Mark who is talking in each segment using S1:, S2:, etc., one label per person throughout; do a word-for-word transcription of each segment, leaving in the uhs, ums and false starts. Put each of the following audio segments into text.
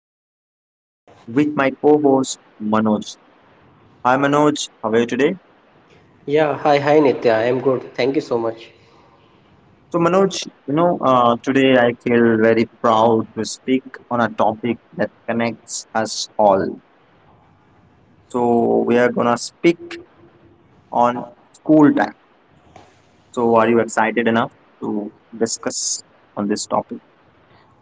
S1: Nitya with my co-host Manoj. Hi Manoj, how are you today?
S2: Yeah, hi, hi Nitya. I am good. Thank you so much.
S1: So Manoj, you know, uh, today I feel very proud to speak on a topic that connects us all. So we are gonna speak on school time. So are you excited enough to discuss on this topic?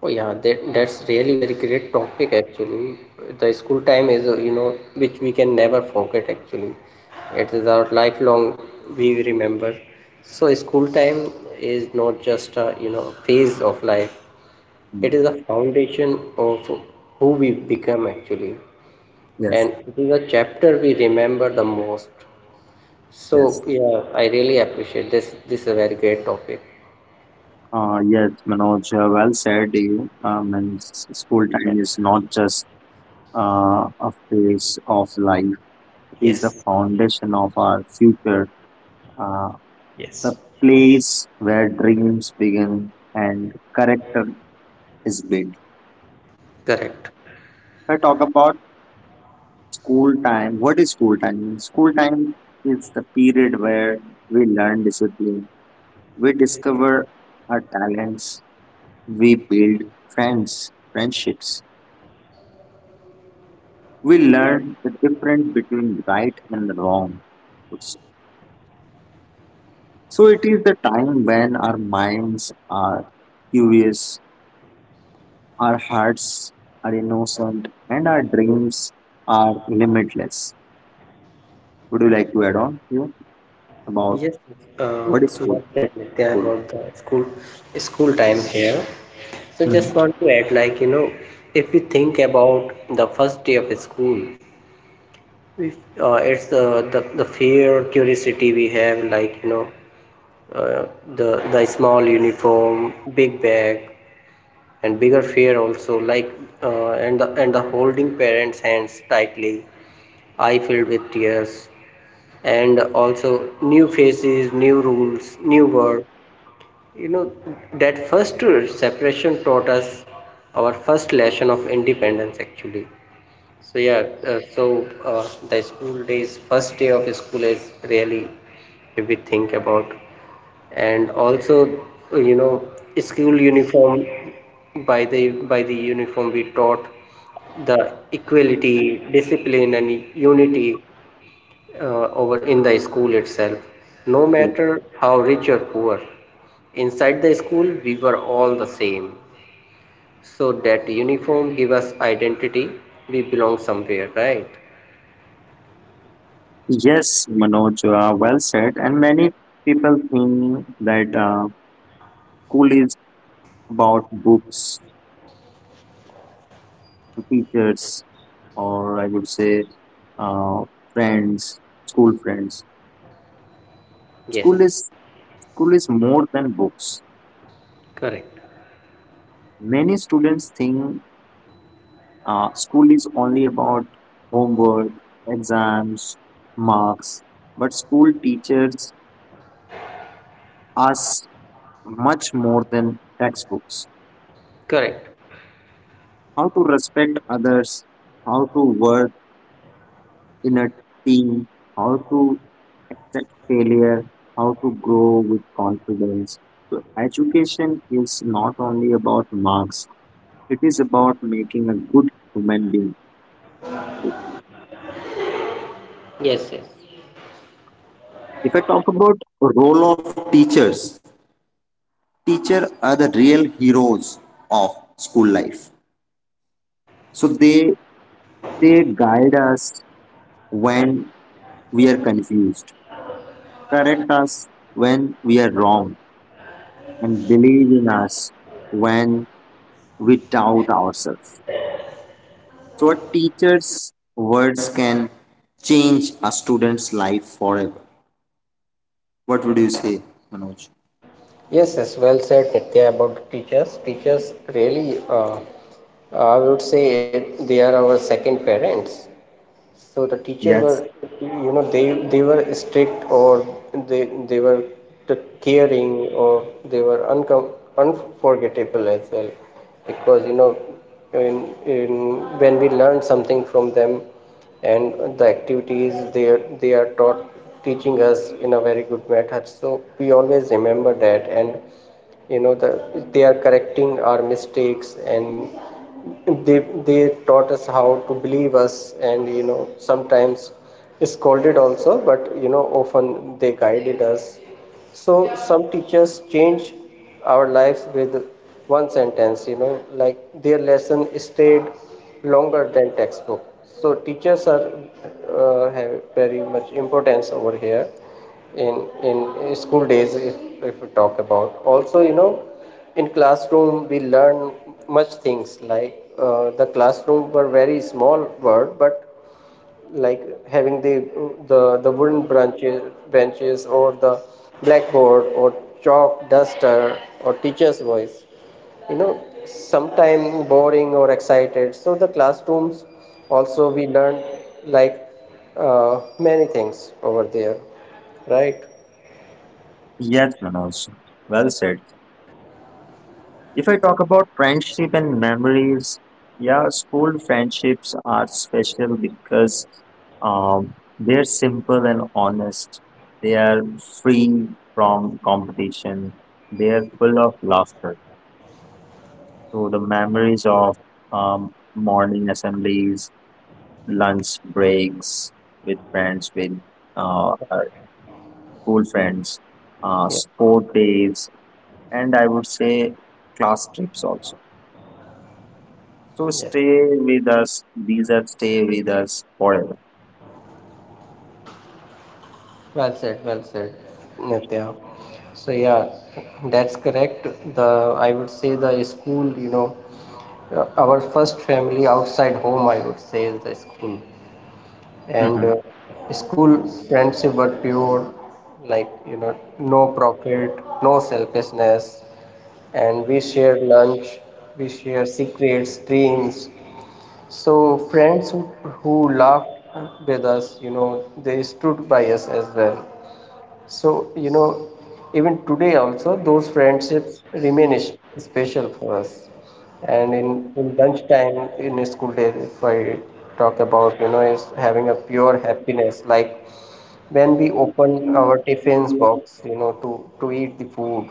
S2: Oh yeah, that, that's really very great topic actually. The school time is, uh, you know, which we can never forget actually. It is our lifelong we remember. So school time is not just a, you know, phase of life. It
S1: Mm,
S2: is a foundation of who we become actually.
S1: Yes,
S2: And it is a chapter we remember the most.
S1: yes.
S2: So yeah, I really appreciate this. This is a very great topic.
S1: Uh, yes, Manoj, uh, well said. You, um, and s- school time is not just uh, a phase of life is the
S2: Yes,
S1: foundation of our future, uh, the
S2: yes.
S1: place where dreams begin and character is built.
S2: Correct.
S1: If I talk about school time, what is school time? School time is the period where we learn discipline, we discover our talents, we build friends, friendships, we learn the difference between right and wrong. So it is the time when our minds are curious, our hearts are innocent, and our dreams are limitless. Would you like to add on here about
S2: Yes,
S1: what
S2: um,
S1: is food?
S2: well said, Nitya,
S1: Food.
S2: about the school school time here. So
S1: Mhm.
S2: just want to add, like, you know, if we think about the first day of school. If, uh, It's the, the the fear curiosity we have, like, you know uh, the the small uniform, big bag, and bigger fear also, like, uh, and the and the holding parents hands tightly, eye filled with tears, and also new faces, new rules, new world, you know, that first separation taught us our first lesson of independence actually. So yeah, uh, so uh, the school days, first day of school is really, if we think about, and also, uh, you know, school uniform, by the by the uniform we taught the equality, discipline, and unity, uh, over in the school itself. No
S1: Yeah.
S2: matter how rich or poor, inside the school we were all the same. So that uniform give us identity. We belong somewhere, right?
S1: Yes, Manoj, uh, well said. And many people think that uh, school is about books, teachers, or I would say uh, friends, school friends.
S2: Yes.
S1: School is school is more than books.
S2: Correct.
S1: Many students think uh, school is only about homework, exams, marks, but school teaches us much more than textbooks.
S2: Correct.
S1: How to respect others, how to work in a team, how to accept failure, how to grow with confidence. So, education is not only about marks, it is about making a good human being.
S2: Yes, yes.
S1: If I talk about role of teachers, teacher are the real heroes of school life so they they guide us when we are confused, correct us when we are wrong, and believe in us when we doubt ourselves. So a teacher's words can change a student's life forever. What would you say, Manoj?
S2: Yes, yes, well said, Nitya, about the teachers. Teachers really, uh, I would say, they are our second parents. So the teachers were,
S1: Yes,
S2: you know, they they were strict, or they they were t- caring, or they were uncom- unforgettable as well, because you know, in, in when we learn something from them, and the activities they are- they are taught teaching us in a very good method. So we always remember that. And you know, the they are correcting our mistakes, and they they taught us how to believe us. And you know, sometimes scolded also, but you know, often they guided us. So some teachers change our lives with one sentence, you know, like, their lesson stayed longer than textbook. So teachers are, uh, have very much importance over here in in school days. if, if we talk about, also, you know, in classroom we learn much things, like, uh, the classroom were very small word, but like, having the the the wooden branches benches, or the blackboard, or chalk duster, or teacher's voice, you know, sometime boring or excited. So the classrooms also we learn, like, uh, many things over there, right?
S1: yes, Manoj, well said. If I talk about friendship and memories, yeah, school friendships are special because um, they're simple and honest. They are free from competition. They are full of laughter. So the memories of um, morning assemblies, lunch breaks with friends, with uh, uh, school friends, uh,
S2: Yeah,
S1: sport days, and I would say class trips also. To
S2: yeah.
S1: stay with us. These are stay with us forever.
S2: Well said, well said, Nitya. So yeah, that's correct. The I would say the school, you know, uh, our first family outside home, I would say, is the school. And uh,
S1: Mhm.
S2: school friendship were pure, like, you know, no profit, no selfishness. And we shared lunch, we shared secrets, dreams. So friends who, who laughed with us, you know, they stood by us as well. So, you know, even today also, those friendships remain is- special for us. And in, in lunchtime, in a school day, if I talk about, you know, is having a pure happiness, like when we open our tiffins box, you know, to, to eat the food,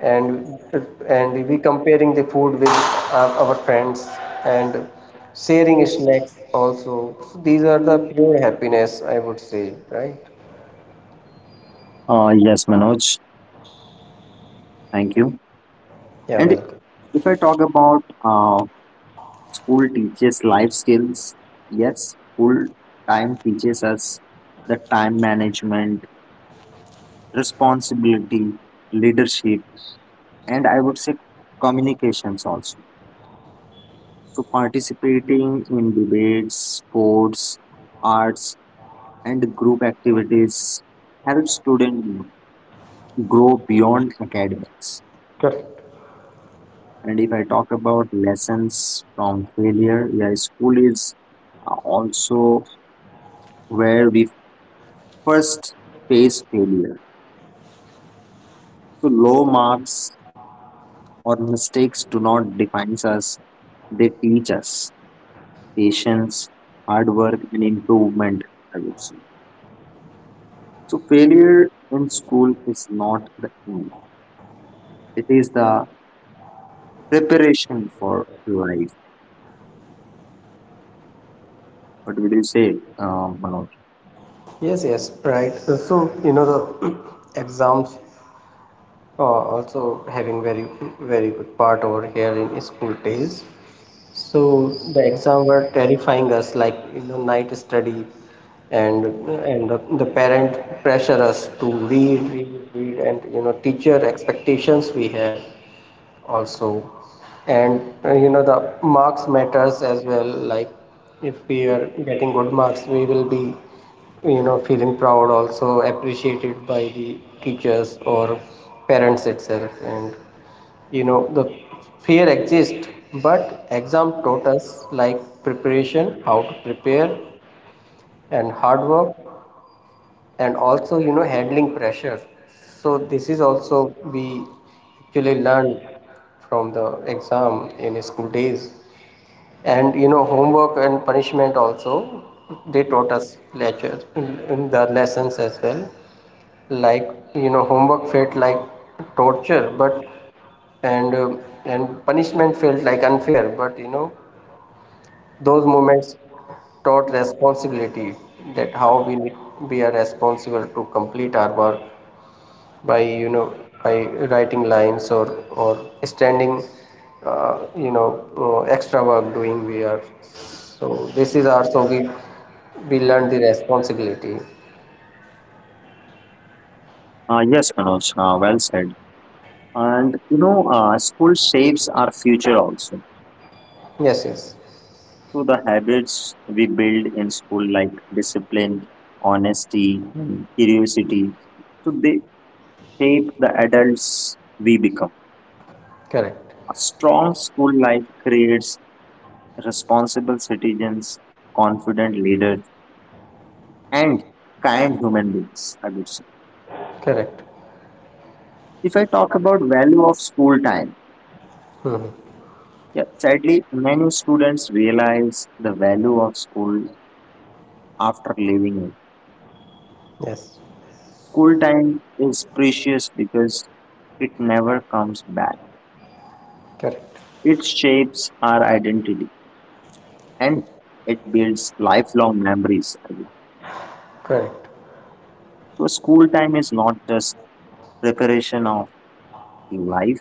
S2: and and we comparing the food with our, our friends, and sharing snacks also. So these are the pure happiness, I would say, right?
S1: Uh, yes, Manoj, thank you.
S2: Yeah,
S1: And
S2: welcome.
S1: if I talk about uh, school teaches life skills, yes, school time teaches us the time management, responsibility, leadership, and I would say communications also. So, participating in debates, sports, arts, and group activities helps students grow beyond academics.
S2: Correct.
S1: And if I talk about lessons from failure, yeah, school is uh, also where we first face failure. So low marks or mistakes do not define us; they teach us patience, hard work, and improvement. I would say. So failure in school is not the end; it is the preparation for life. What would you say, uh, Manoj?
S2: Yes, yes, right. Uh, So, you know, the exams are also having very, very good part over here in school days. So the exam were terrifying us, like you know, night study, and and the, the parent pressure us to read, read, read, and you know, teacher expectations we have also. And uh, you know, the marks matters as well, like, if we are getting good marks, we will be, you know, feeling proud, also appreciated by the teachers or parents itself. And you know, the fear exists, but exam taught us, like, preparation, how to prepare and hard work, and also, you know, handling pressure. So this is also we actually learned from the exam in school days. And you know, homework and punishment also, they taught us lectures in the lessons as well, like, you know, homework felt like torture, but and um and punishment felt like unfair, but you know, those moments taught responsibility, that how we need, we are responsible to complete our work by, you know, by writing lines, or or standing, uh, you know, uh, extra work doing we are. So this is our, so we we learn the responsibility.
S1: Uh, yes, Manoj. Uh, well said. And you know, uh, school shapes our future also.
S2: Yes, yes,
S1: So the habits we build in school, like discipline, honesty, and curiosity, so they shape the adults we become.
S2: correct,
S1: A strong school life creates responsible citizens, confident leaders, and kind human beings. I would say.
S2: correct.
S1: If I talk about value of school time,
S2: Mhm.
S1: yeah, sadly many students realize the value of school after leaving it.
S2: Yes,
S1: School time is precious because it never comes back.
S2: correct,
S1: It shapes our identity and it builds lifelong memories. I mean,
S2: correct.
S1: so, school time is not just preparation of life,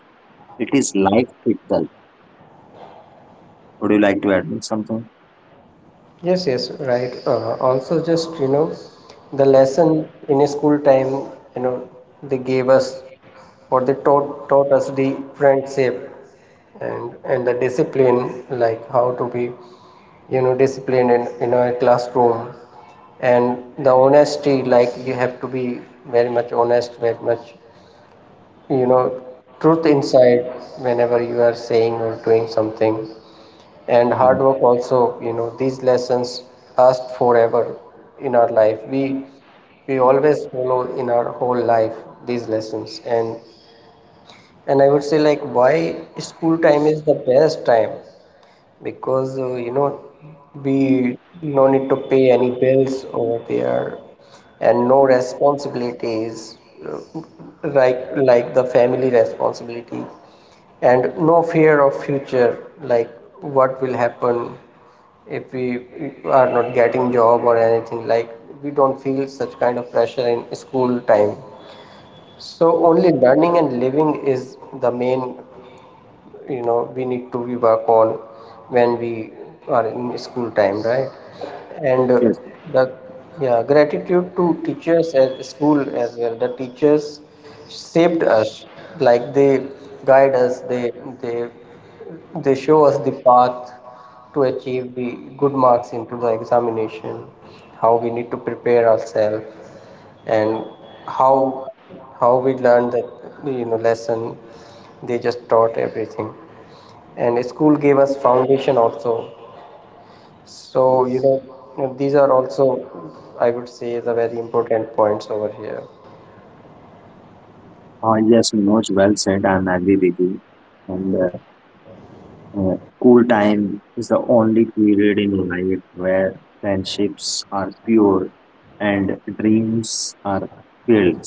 S1: it is life itself. Would you like to add something?
S2: Yes, yes, right. Uh, also, just you know, the lesson in a school time, you know, they gave us, or they taught taught us the friendship and and the discipline, like how to be, you know, disciplined in, you know, a classroom, and the honesty, like you have to be very much honest, very much, you know, truth inside whenever you are saying or doing something, and hard work also, you know, these lessons last forever in our life. we
S1: Mm.
S2: we always follow in our whole life these lessons. and and I would say, like, why school time is the best time, because, uh, you know, we no need to pay any bills over there, and no responsibilities, uh, like, like the family responsibility, and no fear of future, like, what will happen if we are not getting job or anything. Like, we don't feel such kind of pressure in school time. So only learning and living is the main, you know, we need to, we work on when we are in school time, right? And uh,
S1: Yes,
S2: the, yeah, gratitude to teachers as school as well. The teachers shaped us, like, they guide us, they they they show us the path to achieve the good marks into the examination, how we need to prepare ourselves. And how how we learned the, you know, lesson, they just taught everything. And school gave us foundation also. So, you know, these are also, I would say, the very important points over here.
S1: uh, yes, Manoj, well said. I'm agree with you. And uh, Uh, School time is the only period in life where friendships are pure and dreams are filled.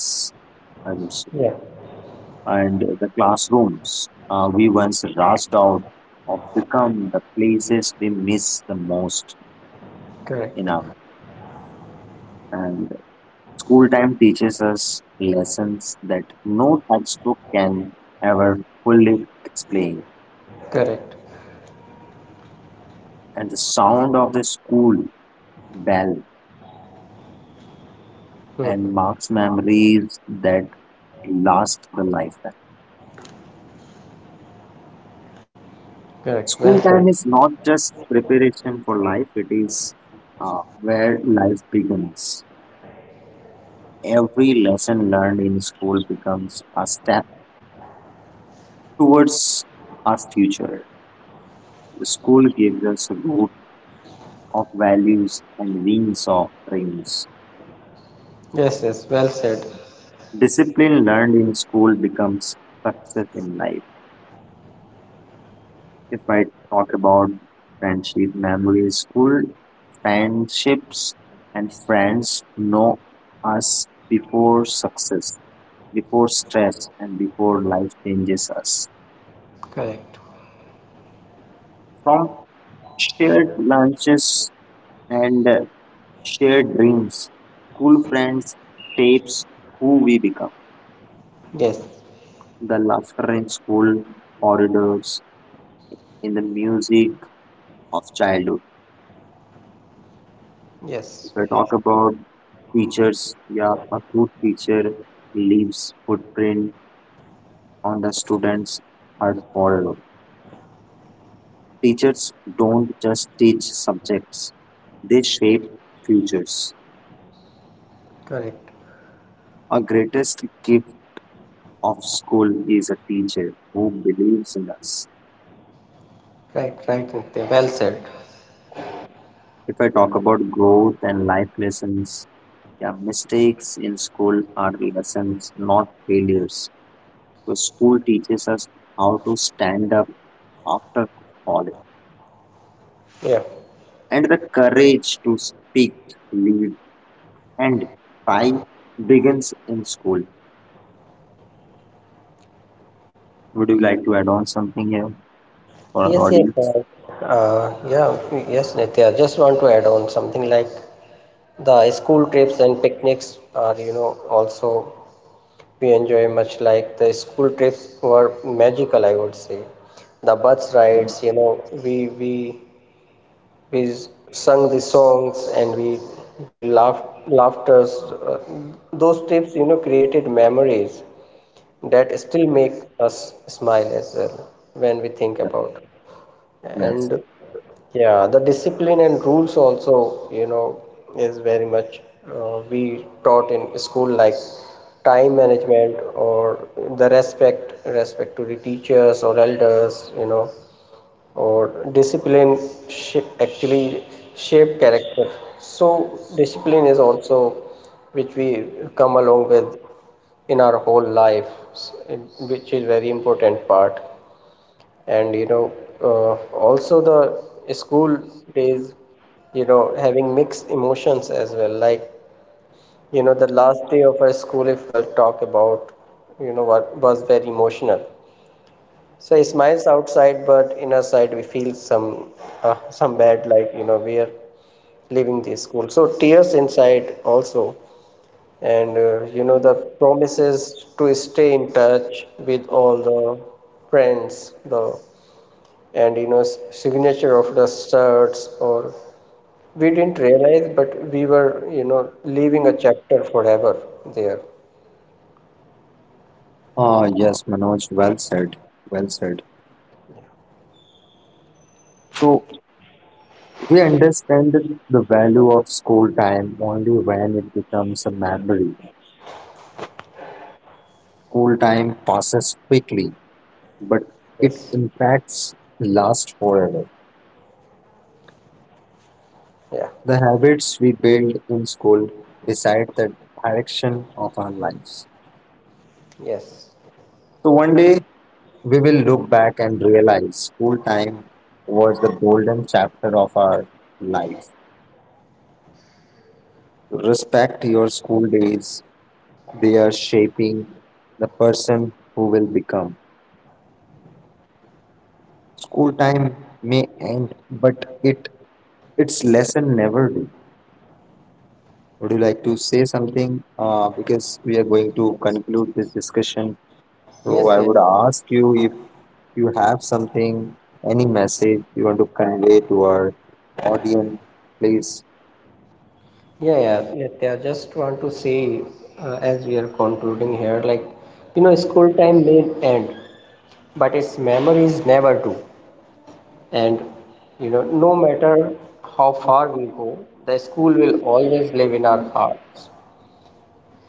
S1: And,
S2: Yeah.
S1: and the classrooms uh, we once rushed out of become the places we miss the most in
S2: Correct.
S1: our. And school time teaches us lessons that no textbook can ever fully explain.
S2: Correct.
S1: And the sound of the school bell
S2: Hmm.
S1: and marks memories that last the lifetime.
S2: Correct. Well
S1: School time
S2: said.
S1: is not just preparation for life, it is uh, where life begins. Every lesson learned in school becomes a step towards our future. School gives us a root of values and wings of dreams.
S2: Yes, yes, well said.
S1: Discipline learned in school becomes success in life. If I talk about friendship memories, school friendships and friends know us before success, before stress, and before life changes us.
S2: Correct.
S1: From shared lunches and uh, shared dreams, school friends shapes who we become.
S2: Yes,
S1: The laughter in school corridors, in the music of childhood. If
S2: yes.
S1: I talk about teachers, yeah, a good teacher leaves footprint on the students' hard model. Teachers don't just teach subjects, they shape futures.
S2: Correct.
S1: Our greatest gift of school is a teacher who believes in us.
S2: Right, right, Nitya. Well said.
S1: If I talk about growth and life lessons, yeah, mistakes in school are lessons, not failures. So school teaches us how to stand up after falling,
S2: Yeah.
S1: and the courage to speak, lead, and fight begins in school. Would you like to add on something here for our
S2: Yes, yes.
S1: audience?
S2: Uh, uh, yeah, yes, Nitya. Just want to add on something, like, the school trips and picnics are, you know, also we enjoy much, like, the school trips were magical, I would say. The bus rides, you know, we we we s- sung the songs, and we we laughed, laughters, uh, those trips, you know, created memories that still make us smile as well when we think about.
S1: Yes.
S2: And yeah, the discipline and rules also, you know, is very much, uh, we taught in school, like time management, or the respect respect to the teachers or elders, you know, or discipline sh- actually shape character. So discipline is also which we come along with in our whole life, s- and which is very important part. And you know, uh, also the school days, you know, having mixed emotions as well, like, you know, the last day of our school, if I talk about, you know, what was very emotional. So he smiles outside, but inner side we feel some, uh, some bad, like, you know, we are leaving the school. So tears inside also, and uh, you know, the promises to stay in touch with all the friends, the, and you know, s- signature of the shirts, or we didn't realize, but we were, you know, leaving a chapter forever there.
S1: Ah, yes, Manoj, well said. Well said. So we understand that the value of school time only when it becomes a memory. School time passes quickly, but it
S2: Yes.
S1: impacts last forever.
S2: Yeah.
S1: The habits we build in school decide the direction of our lives.
S2: Yes.
S1: So one day we will look back and realize school time was the golden chapter of our life. Respect your school days, they are shaping the person who will become. School time may end, but it its lesson never do. Would you like to say something? Uh, because we are going to conclude this discussion, so
S2: Yes.
S1: I would
S2: Yeah.
S1: ask you if you have something, any message you want to convey to our audience, please.
S2: Yeah, yeah, Nitya, I just want to say, uh, as we are concluding here, like, you know, school time may end, but its memories never do. And, you know, no matter how far we go, the school will always live in our hearts.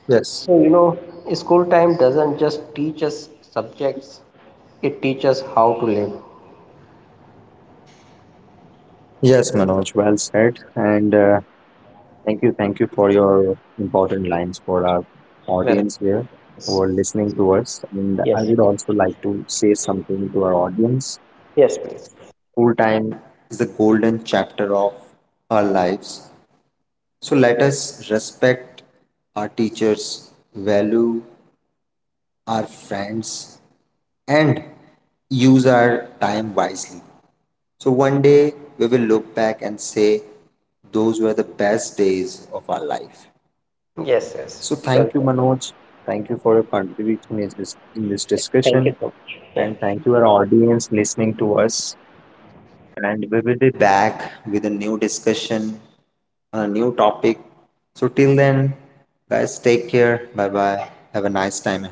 S1: Yes.
S2: So, you know, school time doesn't just teach us subjects, it teaches how to live.
S1: Yes, Manoj, well said. And uh, thank you, thank you for your important lines for our
S2: Well,
S1: audience here who are listening to us. And I
S2: yes,
S1: would also like to say something to our audience.
S2: yes, please.
S1: School time is the golden chapter of our lives. So let us respect our teachers, value our friends and use our time wisely. So one day we will look back and say, those were the best days of our life.
S2: Yes, yes.
S1: So
S2: Well,
S1: thank you, Manoj. Thank you for your contribution is this- in this
S2: thank you
S1: discussion.
S2: so much. Yeah.
S1: And thank you, our audience, listening to us. And we will be back with a new discussion on a new topic. So till then, guys, take care. Bye bye. Have a nice time.